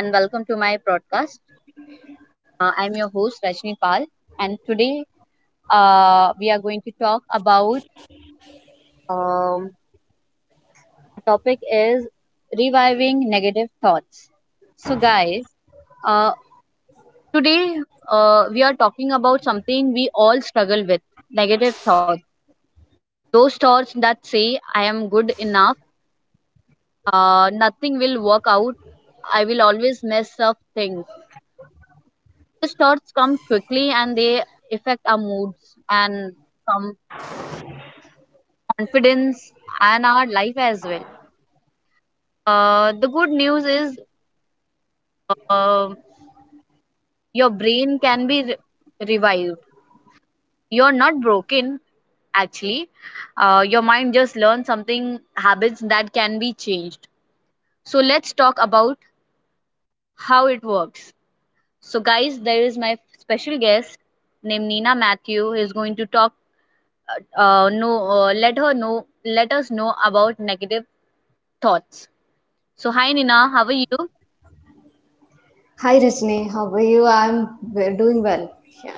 and welcome to my broadcast. I'm your host Rajni Pal, and today we are going to talk about um, the topic is reviving negative thoughts. So guys, uh, today we are talking about something we all struggle with: negative thoughts. Those thoughts that say I am good enough, nothing will work out, I will always mess up things. Those thoughts come quickly and they affect our moods and some confidence and our life as well. The good news is, uh, your brain can be revived. You're not broken, actually. Your mind just learned something, habits that can be changed. So, let's talk about how it works. So, guys, there is my special guest named Nina Matthew is going to talk. No, let her know. Let us know about negative thoughts. So, hi Nina, how are you? Hi Rajni, how are you? I'm doing well. Yeah.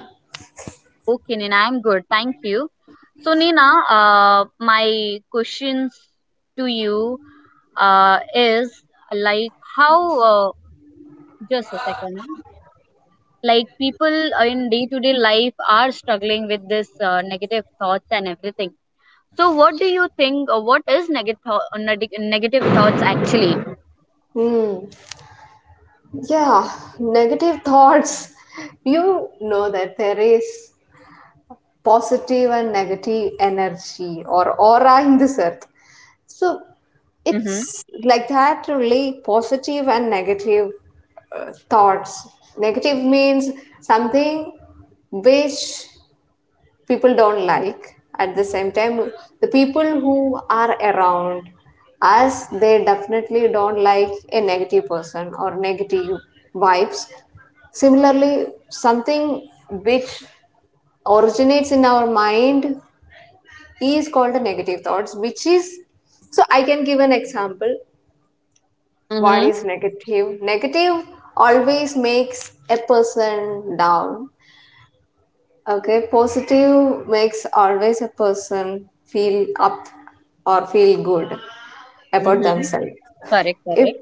Okay, Nina, I'm good. Thank you. So, Nina, my questions to you is like how, uh, just a second, huh? Like people in day to day life are struggling with this negative thoughts and everything. So, what do you think? What is negative thoughts actually? Hmm. Yeah, negative thoughts. You know that there is positive and negative energy or aura in this earth. So Mm-hmm. it's like that only positive and negative thoughts. Negative means something which people don't like. At the same time the people who are around us, they definitely don't like a negative person or negative vibes. Similarly, something which originates in our mind is called a negative thoughts, which is, so I can give an example. What Mm-hmm. is negative negative? Always makes a person down. Okay, positive makes always a person feel up or feel good about Mm-hmm. themselves. Correct. If Correct.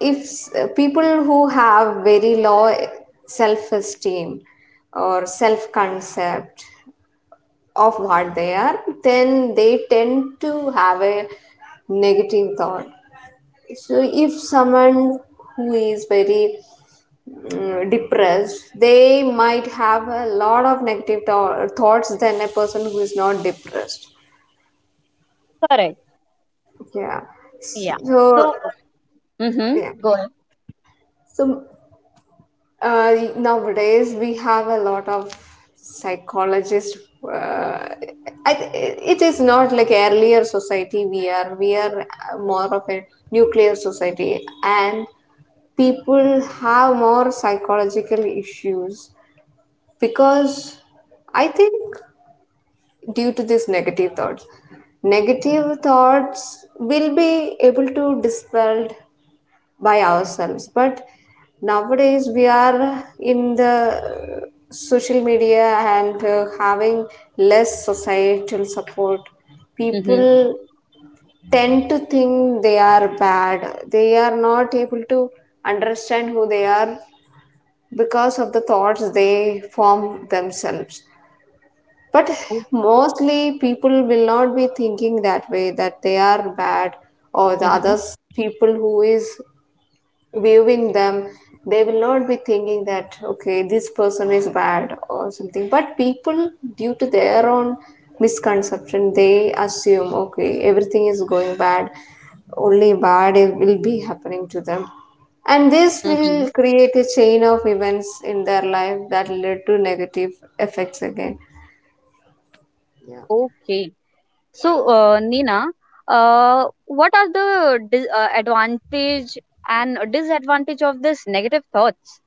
if people who have very low self-esteem or self-concept of what they are, then they tend to have a negative thought. So if someone who is very depressed, they might have a lot of thoughts than a person who is not depressed. Correct. Yeah. Yeah. So, So. Mm-hmm. yeah. Go ahead. So nowadays we have a lot of psychologists. uh, it is not like earlier society. We are more of a nuclear society, and people have more psychological issues because I think due to these negative thoughts. Negative thoughts will be able to dispelled by ourselves, but nowadays we are in the social media and having less societal support, Mm-hmm. people tend to think they are bad. They are not able to understand who they are because of the thoughts they form themselves. But mostly people will not be thinking that way, that they are bad. Or the Mm-hmm. others, people who is viewing them, they will not be thinking that, okay, this person is bad or something. But people, due to their own misconception, they assume, okay, everything is going bad, only bad it will be happening to them. And this Mm-hmm. will create a chain of events in their life that lead to negative effects again. Okay. So, Nina, what are the advantage and disadvantage of this negative thoughts?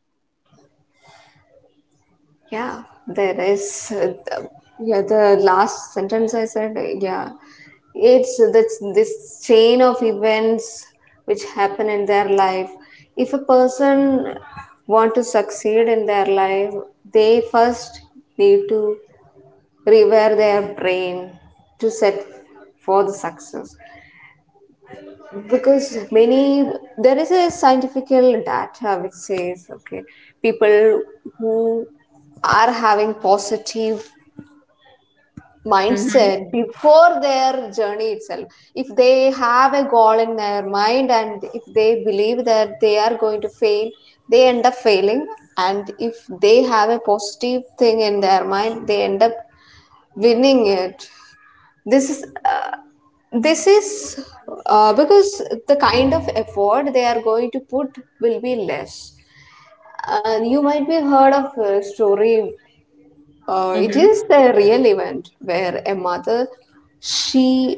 Yeah, there is. uh, the- yeah, the last sentence I said, yeah, it's that's this chain of events which happen in their life. If a person want to succeed in their life, they first need to rewire their brain to set for the success, because many, there is a scientific data which says, okay, people who are having positive Mm-hmm. mindset before their journey itself, if they have a goal in their mind and if they believe that they are going to fail, they end up failing. And if they have a positive thing in their mind, they end up winning it. This is this is because the kind of effort they are going to put will be less. You might be heard of a story. It Mm-hmm. is a real event where a mother, she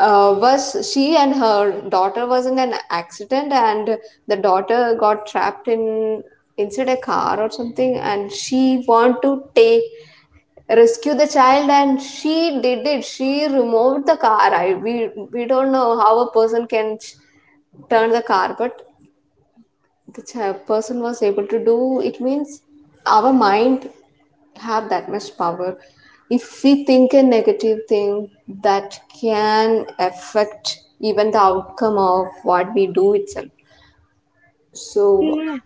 was she and her daughter was in an accident, and the daughter got trapped in inside a car or something, and she want to take, rescue the child, and she did it. She removed the car. I we don't know how a person can turn the car, but the person was able to do. It means our mind have that much power. If we think a negative thing, that can affect even the outcome of what we do itself. So Yeah,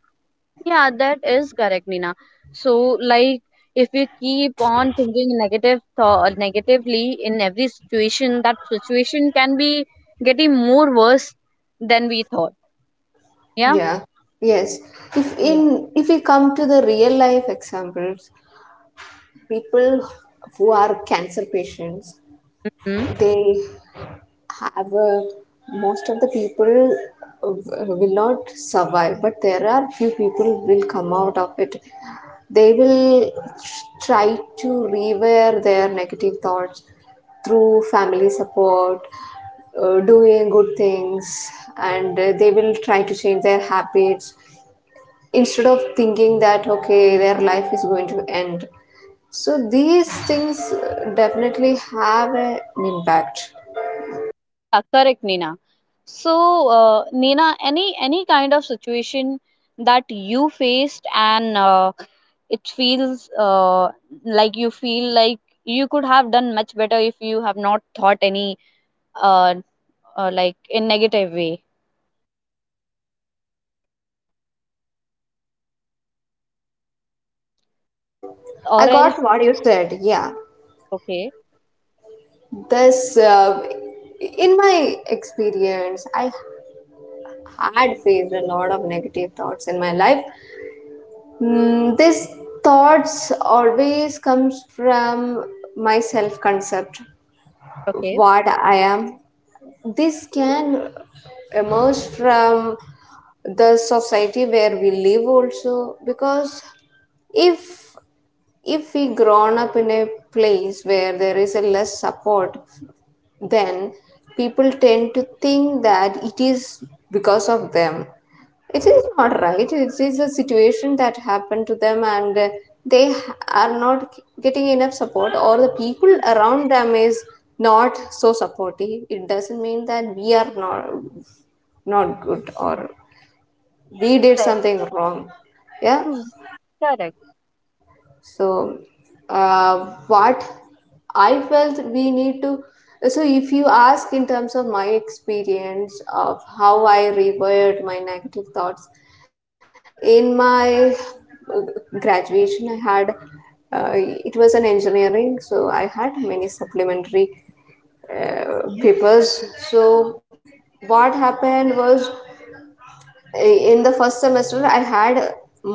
yeah, that is correct, Nina. So, like, if you keep on thinking negative thought negatively in every situation, that situation can be getting more worse than we thought. Yeah. yeah. Yes, if in, if we come to the real life examples, people who are cancer patients, Yeah. they have most of the people will not survive, but there are few people will come out of it. They will try to rewear their negative thoughts through family support, doing good things, and they will try to change their habits instead of thinking that okay their life is going to end. So these things definitely have an impact. Yeah, correct, Nina. So, Nina, any kind of situation that you faced and it feels like you feel like you could have done much better if you have not thought any, uh, like, in negative way I or else. got what you said. Yeah, Okay, this in my experience, I had faced a lot of negative thoughts in my life. These thoughts always comes from my self-concept, okay. what I am. This can emerge from the society where we live also, because if if we grown up in a place where there is a less support, then people tend to think that it is because of them. It is not right. It is a situation that happened to them, and they h- are not getting enough support, or the people Hmm, around them is not so supportive. It doesn't mean that we are not good or we did correct. something wrong. Yeah, Hmm, correct. so what I felt, we need to, so if you ask in terms of my experience of how I rewired my negative thoughts, in my uh, graduation I had, it was an engineering, so I had many supplementary papers. So what happened was, uh, in the first semester I had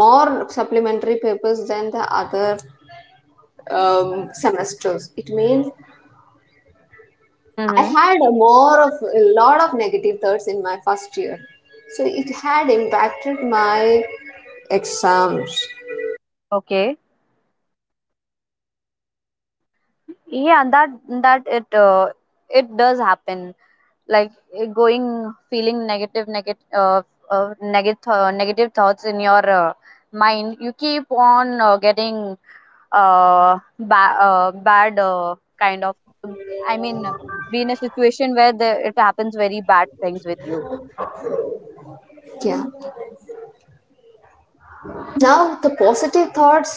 more supplementary papers than the other semesters. It means I Mm-hmm. had a more of a lot of negative thoughts in my first year, so it had impacted my exams. Okay. Yeah, that that it it does happen. Like, going feeling negative thoughts in your mind, you keep on getting bad kind of, I mean, be in a situation where it happens very bad things with you. Yeah. Now the positive thoughts,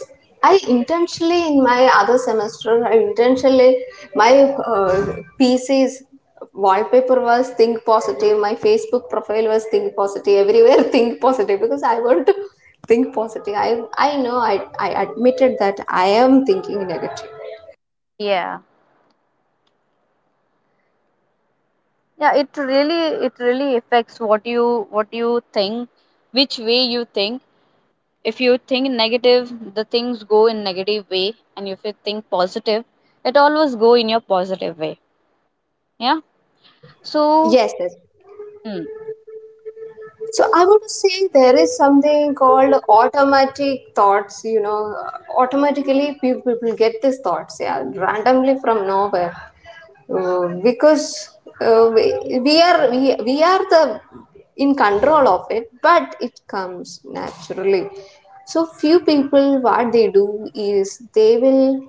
I intentionally, in my other semester, I intentionally, my PC's wallpaper was think positive, my Facebook profile was think positive everywhere think positive, because I want to think positive. I know, I admitted that I am thinking negative. Yeah, yeah, it really affects what you think, which way you think. If you think negative, the things go in negative way, and if you think positive, it always go in your positive way. Yeah. So, Yes, yes. mm, So I would say there is something called automatic thoughts, you know, automatically people, people get these thoughts, yeah, randomly from nowhere. Because uh, we, we are the in control of it, but it comes naturally. So few people, what they do is they will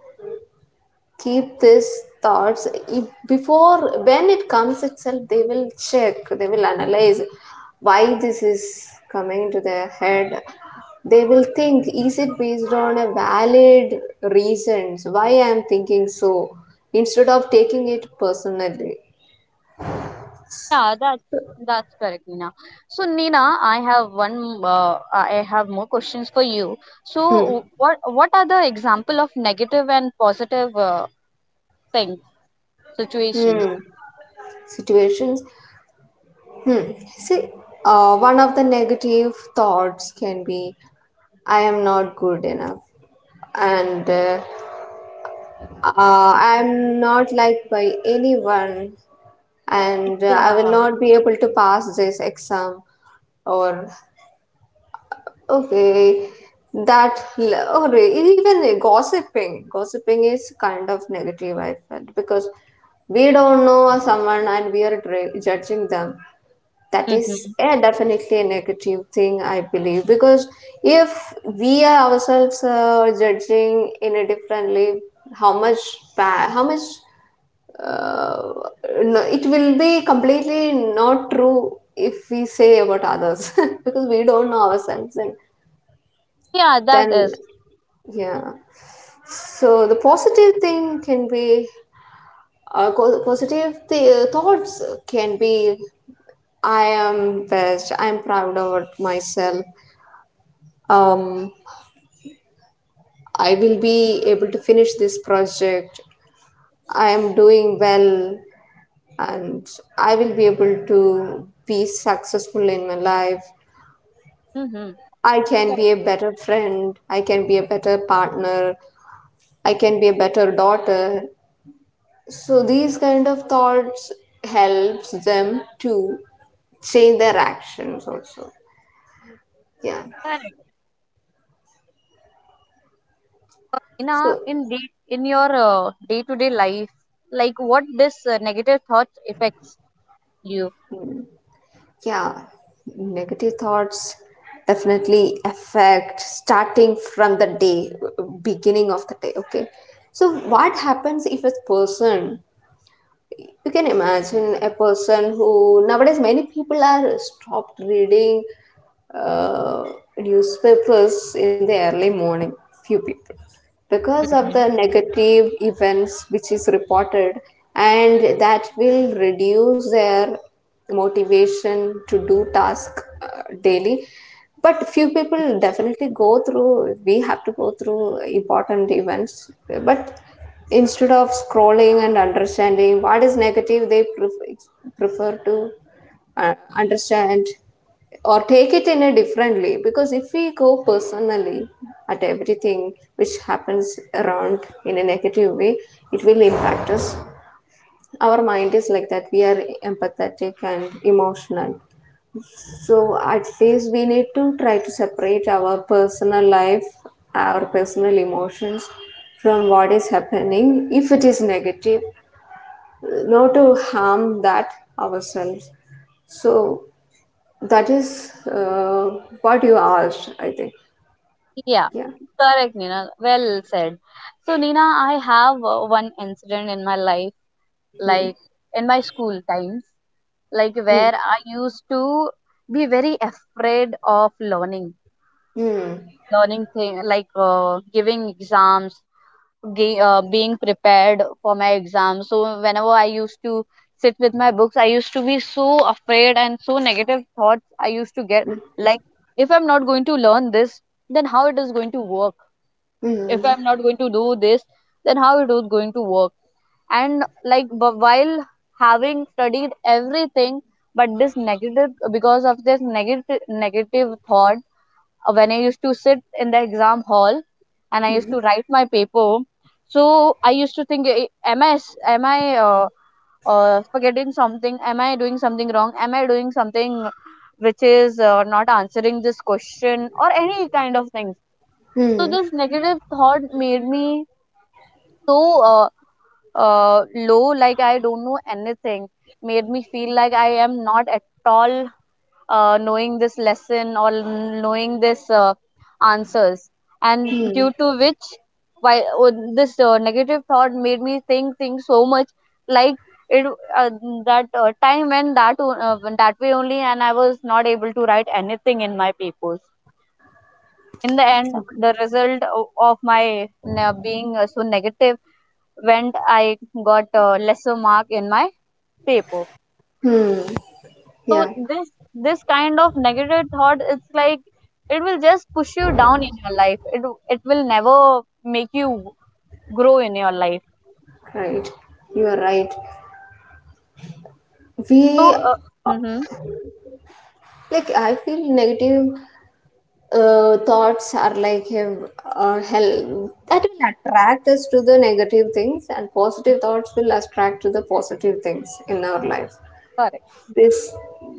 keep these thoughts, before when it comes itself, they will check, they will analyze why this is coming into their head. They will think, is it based on a valid reasons why I am thinking so, instead of taking it personally. yeah, that's correct, Nina. So, Nina, I have one. I have more questions for you. Hmm. So, what are the example of negative and positive, things, situations? Hmm. Situations. Hmm. See, one of the negative thoughts can be, I am not good enough. And I'm not liked by anyone, and I will not be able to pass this exam. Or, okay, that, or even gossiping. Gossiping is kind of negative, I felt, because we don't know someone and we are judging them. That is Mm-hmm. a definitely a negative thing, I believe, because if we ourselves are judging in a differently, how much bad, how much uh, no, it will be completely not true if we say about others because we don't know ourselves and Yeah, that then is. yeah. So the positive thing can be, thoughts can be, I am best, I am proud of myself, um, I will be able to finish this project, I am doing well, and I will be able to be successful in my life. Mm-hmm. I can be Correct. a better friend, I can be a better partner, I can be a better daughter. So these kind of thoughts helps them to change their actions also. Yeah. Correct. Nina, So in your day-to-day life, like what this negative thought affects you? yeah, negative thoughts definitely affect starting from the day, beginning of the day, okay? So what happens, if a person, you can imagine a person who, nowadays many people are stopped reading uh, newspapers in the early morning, few people, because of the negative events which is reported, and that will reduce their motivation to do task uh, daily. But few people definitely go through, we have to go through important events, but instead of scrolling and understanding what is negative, they prefer to understand or take it in a differently, because if we go personally at everything which happens around in a negative way, it will impact us. Our mind is like that, we are empathetic and emotional. So at least we need to try to separate our personal life, our personal emotions, from what is happening. If it is negative, not to harm that ourselves. So that is what you asked, I think. Yeah, Yeah. correct, Nina. Well said. So, Nina, I have one incident in my life, Hmm. like in my school times, like Hmm. where I used to be very afraid of Hmm. learning thing like giving exams, being prepared for my exams. So, whenever I used to sit with my books, I used to be so afraid and so negative thoughts I used to get. Hmm. Like, if I'm not going to learn this, then how it is going to work? If Hmm. I'm not going to do this, then how it was going to work? And, like, but while having studied everything, but this negative, because of this negative thought, when I used to sit in the exam hall and I used to write my paper, so I used to think, Am i uh, forgetting something? Am I doing something wrong? Am I doing something which is, not answering this question, or any kind of things?" So Hmm. this negative thought made me so, uh, low, like I don't know anything, made me feel like I am not at all knowing this lesson or knowing this, answers. And Hmm. due to which, why this negative thought made me think so much, like it uh, that time went that way only, and I was not able to write anything in my papers. In the end, Okay. the result of my being so negative went, I got a lesser mark in my paper. Hmm. So Yeah, this kind of negative thought, it's like it will just push you down in your life, it will never make you grow in your life. right. You are right. We, So, mhm, like I feel negative thoughts are like a hell that will attract us to the negative things, and positive thoughts will attract to the positive things in our life. correct. this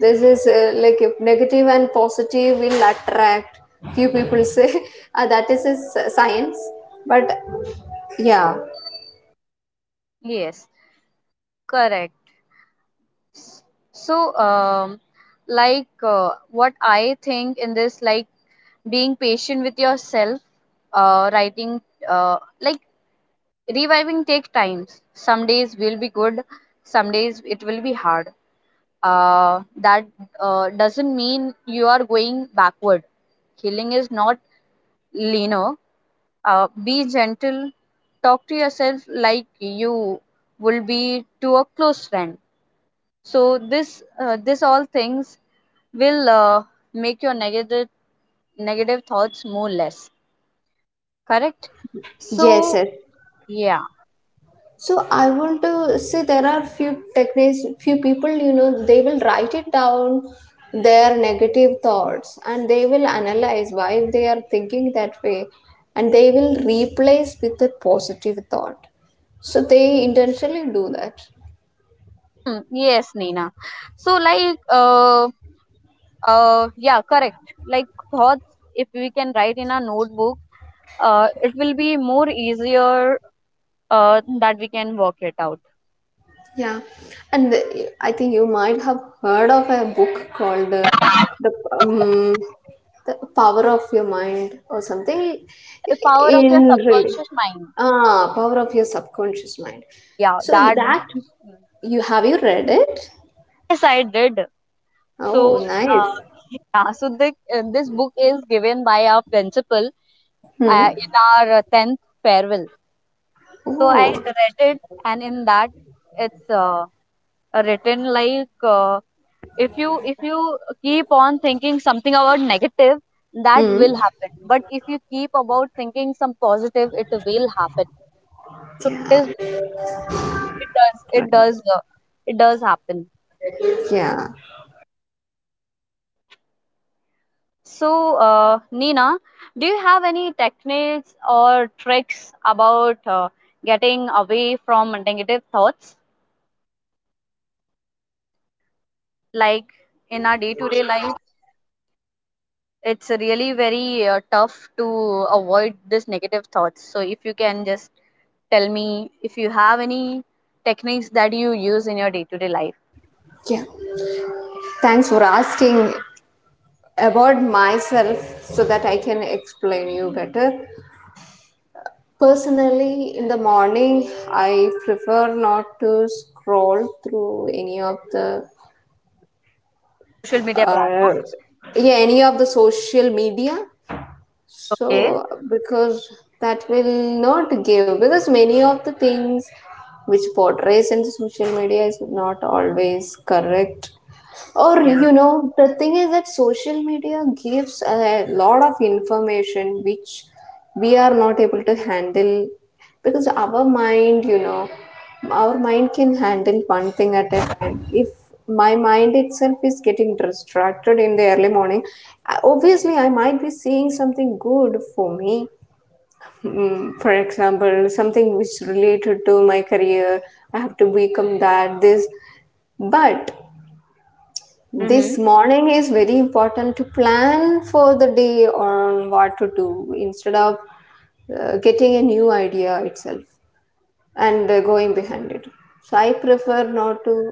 this is like if negative and positive will attract. Few people say that is a science. But yeah. Yes, correct. So, like, what I think in this, like being patient with yourself, writing, like, reviving take times. Some days will be good, some days it will be hard. That doesn't mean you are going backward. Healing is not linear. Be gentle. Talk to yourself like you will be to a close friend. So this all things will, make your negative thoughts more less. Correct. Yes So, sir. yeah. So I want to say, there are few techniques. Few people, you know, they will write it down their negative thoughts, and they will analyze why they are thinking that way, and they will replace with a positive thought. So they intentionally do that. Hmm, yes, Nina. So, like, yeah, correct. Like thoughts, if we can write in a notebook, it will be more easier, that we can work it out. Yeah, and I think you might have heard of a book called the um, the Power of Your Mind or something. The power of your In really, subconscious mind. ah, Power of Your Subconscious Mind. Yeah, So that. that, you have, you read it? Yes, I did. So, Oh, nice. Yeah, so this book is given by our principal Hmm. in our 10th farewell. So I Oh. read it, and in that, it's written like, if you keep on thinking something about negative, that Hmm. will happen, but if you keep about thinking some positive, it will happen. So Yeah. it does it Right. does uh, it does happen. Yeah. So, Nina, do you have any techniques or tricks about, getting away from negative thoughts, like in our day to day life it's really very tough to avoid this negative thoughts, so if you can just tell me if you have any techniques that you use in your day-to-day life. Yeah. Thanks for asking about myself so that I can explain you better. Personally, in the morning, I prefer not to scroll through any of the, Social media uh, platforms. yeah, any of the social media. Okay. So because that will not give, because many of the things which portrays in the social media is not always correct. Or, Yeah. you know, the thing is that social media gives a lot of information which we are not able to handle, because our mind, you know, our mind can handle one thing at a time. If my mind itself is getting distracted in the early morning, obviously I might be seeing something good for me. Mm, for example, something which related to my career, I have to become that, this, but Mm-hmm. this morning is very important to plan for the day on what to do instead of getting a new idea itself and going behind it. So I prefer not to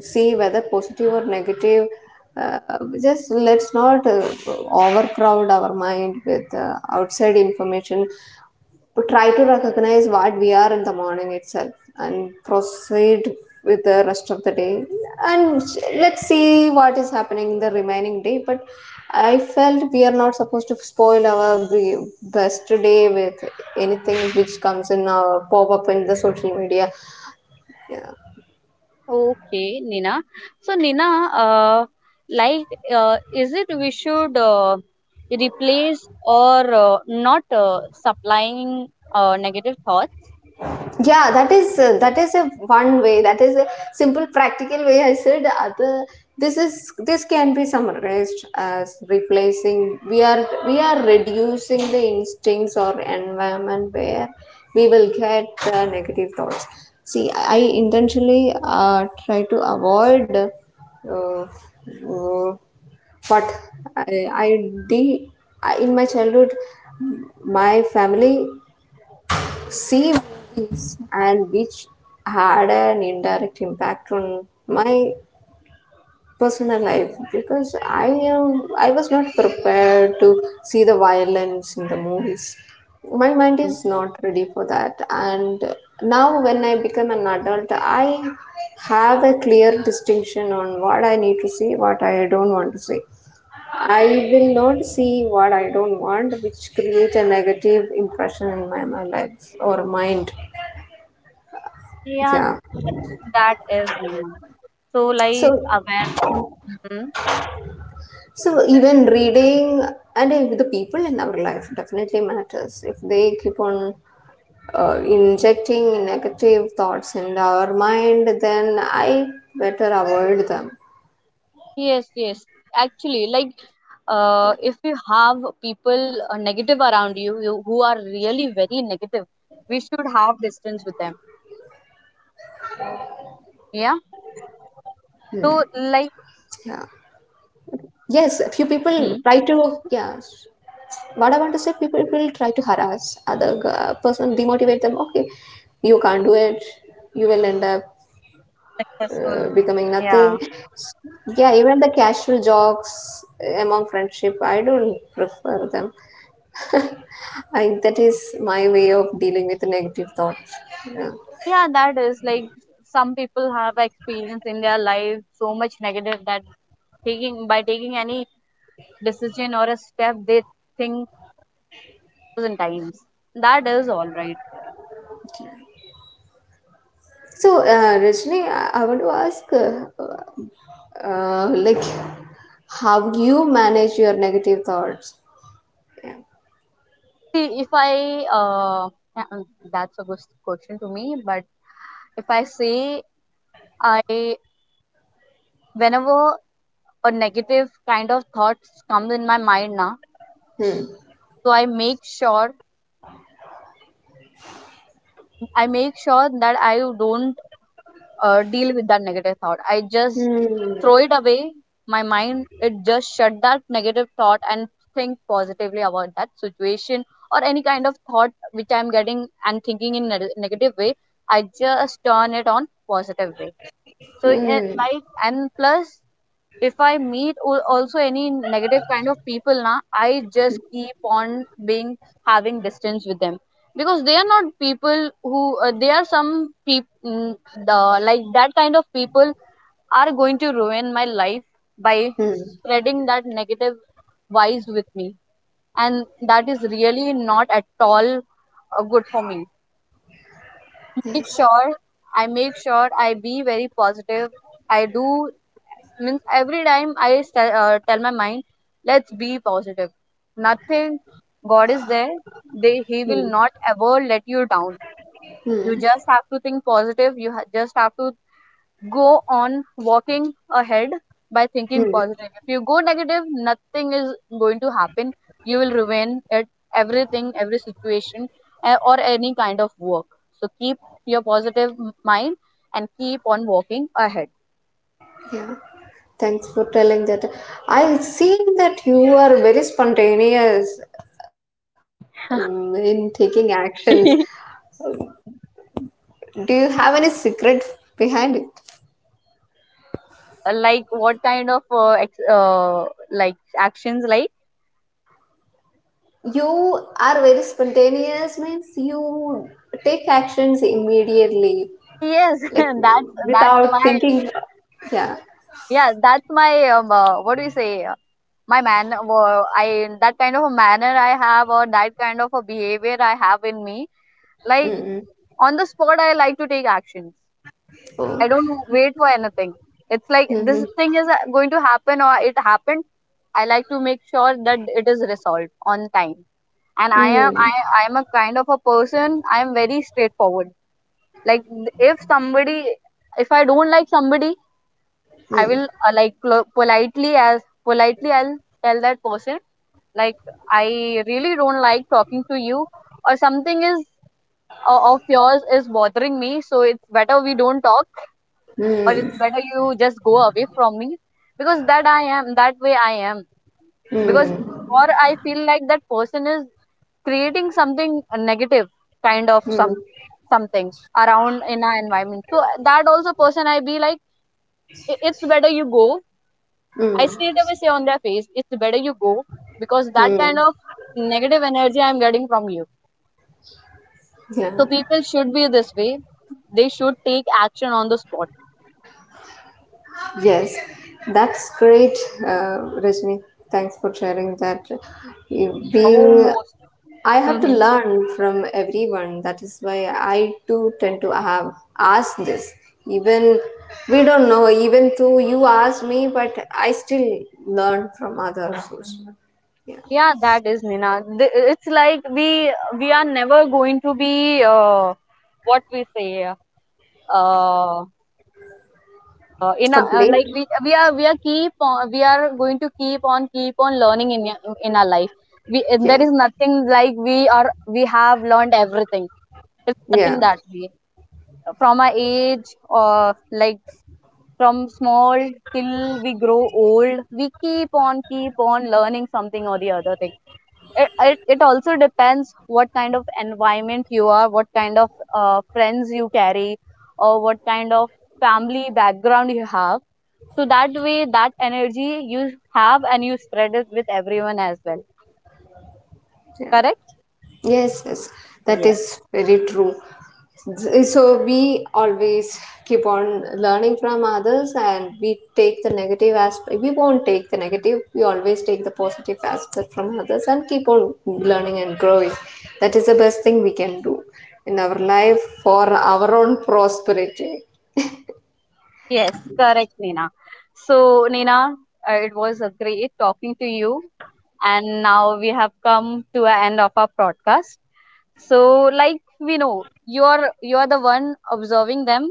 see whether positive or negative. Uh, just let's not overcrowd our mind with outside information, but try to recognize what we are in the morning itself and proceed with the rest of the day, and let's see what is happening in the remaining day. But I felt we are not supposed to spoil our best day with anything which comes in our pop up in the social media. Okay, Nina. So, Nina, uh, like, is it we should, replace, or not, supplying, negative thoughts? Yeah, that is a one way, that is a simple practical way I said. Other, this can be summarized as replacing. We are reducing the instincts or environment where we will get negative thoughts. See, I intentionally try to avoid uh, what I did in my childhood. My family see movies, and which had an indirect impact on my personal life, because I was not prepared to see the violence in the movies. My mind is not ready for that, and now when I become an adult, I have a clear distinction on what I need to see, what I don't want to see. I will not see what I don't want, which create a negative impression in my life or mind. Yeah, Yeah. That is, Nina. So, like, So aware. Mhm. so even reading and the people in our life definitely matters. If they keep on injecting negative thoughts in our mind, then I better avoid them. Yes, yes. Yeah. Actually, like, if you have people, negative, around you who are really very negative, we should have distance with them. Yeah. Yeah. Yes, So few like. people try to. Yes, what I Hmm, want to say, people will try to harass other person, demotivate them, okay. You can't do it. You will end up becoming nothing. successful. Yeah. Yeah, even the casual jokes among friendship, I don't prefer them. I, that is my way of dealing with negative thoughts. Yeah. Yeah, that is like some people have experience in their life so much negative that taking by taking any decision or a step they think thousand times. That is all right. So, Rajni, I want to ask, like, how you manage your negative thoughts? Yeah. See, if I uh, that's a good question to me, but if I say, I whenever a negative kind of thoughts comes in my mind now, Hmm. so I make sure that I don't, deal with that negative thought. I just Hmm. throw it away. My mind it just shut that negative thought and think positively about that situation or any kind of thought which I'm getting and thinking in a negative way. I just turn it on positive way. So, Hmm. like, and plus if I meet also any negative kind of people, na, I just keep on being having distance with them, because they are not people who, they are some people, the like that kind of people are going to ruin my life by Hmm. spreading that negative vibes with me, and that is really not at all, good for me. Make Yes. sure I make sure I be very positive, I do, means every time I tell my mind, let's be positive, nothing, god is there, they he will Hmm. not ever let you down. You Hmm. just have to think positive, just have to go on walking ahead by thinking Hmm. positive. If you go negative, nothing is going to happen, you will remain at everything, every situation, or any kind of work. So keep your positive mind and keep on walking ahead. Yeah, thanks for telling that. I've seen that you are very spontaneous in taking actions. Do you have any secret behind it? Like, what kind of, like, actions like. You are very spontaneous, means you take actions immediately, Yes, like that's without my. thinking. Yeah. Yeah, that's my, what do you say, my man I that kind of a manner I have, or that kind of a behavior I have in me, like, Mm-mm. on the spot I like to take actions, Oh. I don't wait for anything, it's like this Mm-hmm. thing is, going to happen or it happened, I like to make sure that it is resolved on time, and Mm. I am a kind of a person, I am very straightforward. Like, if somebody if I don't like somebody, I Mm. will, like, politely, as politely I'll tell that person, like, I really don't like talking to you, or something is, of yours is bothering me, so it's better we don't talk, or Mm. it's better you just go away from me, because that I am, that way I am. Because, Mm. or I feel like that person is creating something negative, kind of Mm. some, something around in our environment, so that also person I be like, it's better you go. I Mm. straight away say on their face, it's better you go, because that kind Mm. of negative energy I'm getting from you. Yeah. So people should be this way. They should take action on the spot. Yes, that's great, Rajni. Thanks for sharing that. You being, Almost. I have to Hmm. learn from everyone. That is why I too tend to have asked this. Even we don't know. Even though you asked me, but I still learn from others. Also. Yeah, Yeah, that is, Nina. It's like we are never going to be, uh, what we say, uh, in our, complete. like, we are going to keep on learning in in our life. We There Yeah, is nothing like we are, we have learned everything, it's yeah, nothing that way. From our age, or like, from small till we grow old, we keep on learning something or the other thing. It also depends what kind of environment you are, what kind of, friends you carry, or what kind of family background you have, so that way that energy you have, and you spread it with everyone as well. yeah. Correct. Yes, yes, that Yeah. is very true. So we always keep on learning from others, and we take the negative aspect. We won't take the negative. We always take the positive aspect from others and keep on learning and growing. That is the best thing we can do in our life for our own prosperity. Yes, correct, Nina. So, Nina, it was a great talking to you, and now we have come to an end of our podcast. So, like, we know, you are the one observing them.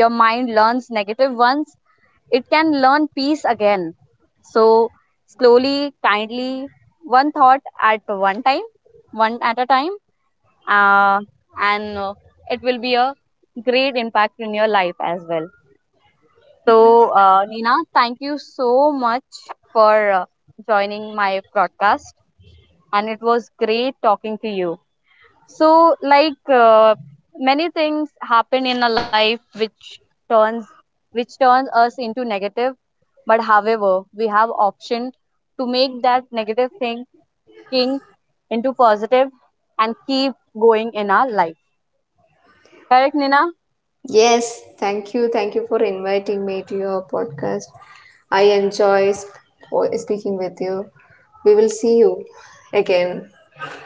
Your mind learns negative ones, it can learn peace again. So, slowly, kindly, one thought at one time, one at a time, uh, and, it will be a great impact in your life as well. So, Nina, thank you so much for, joining my podcast, and it was great talking to you. So, like, many things happen in a life which turns, us into negative. But however, we have option to make that negative thinking into positive and keep going in our life. Correct, Nina? Yes, thank you. Thank you for inviting me to your podcast. I enjoy speaking with you. We will see you again.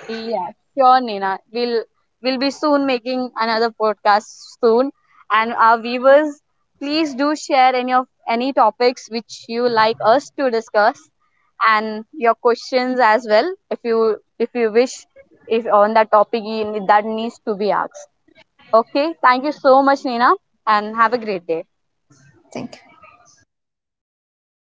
Yeah, sure, Nina. We'll be soon making another podcast soon. And our viewers, please do share any of any topics which you like us to discuss, and your questions as well, if you wish, if on that topic, that needs to be asked. Okay, thank you so much, Nina, and have a great day. Thank you.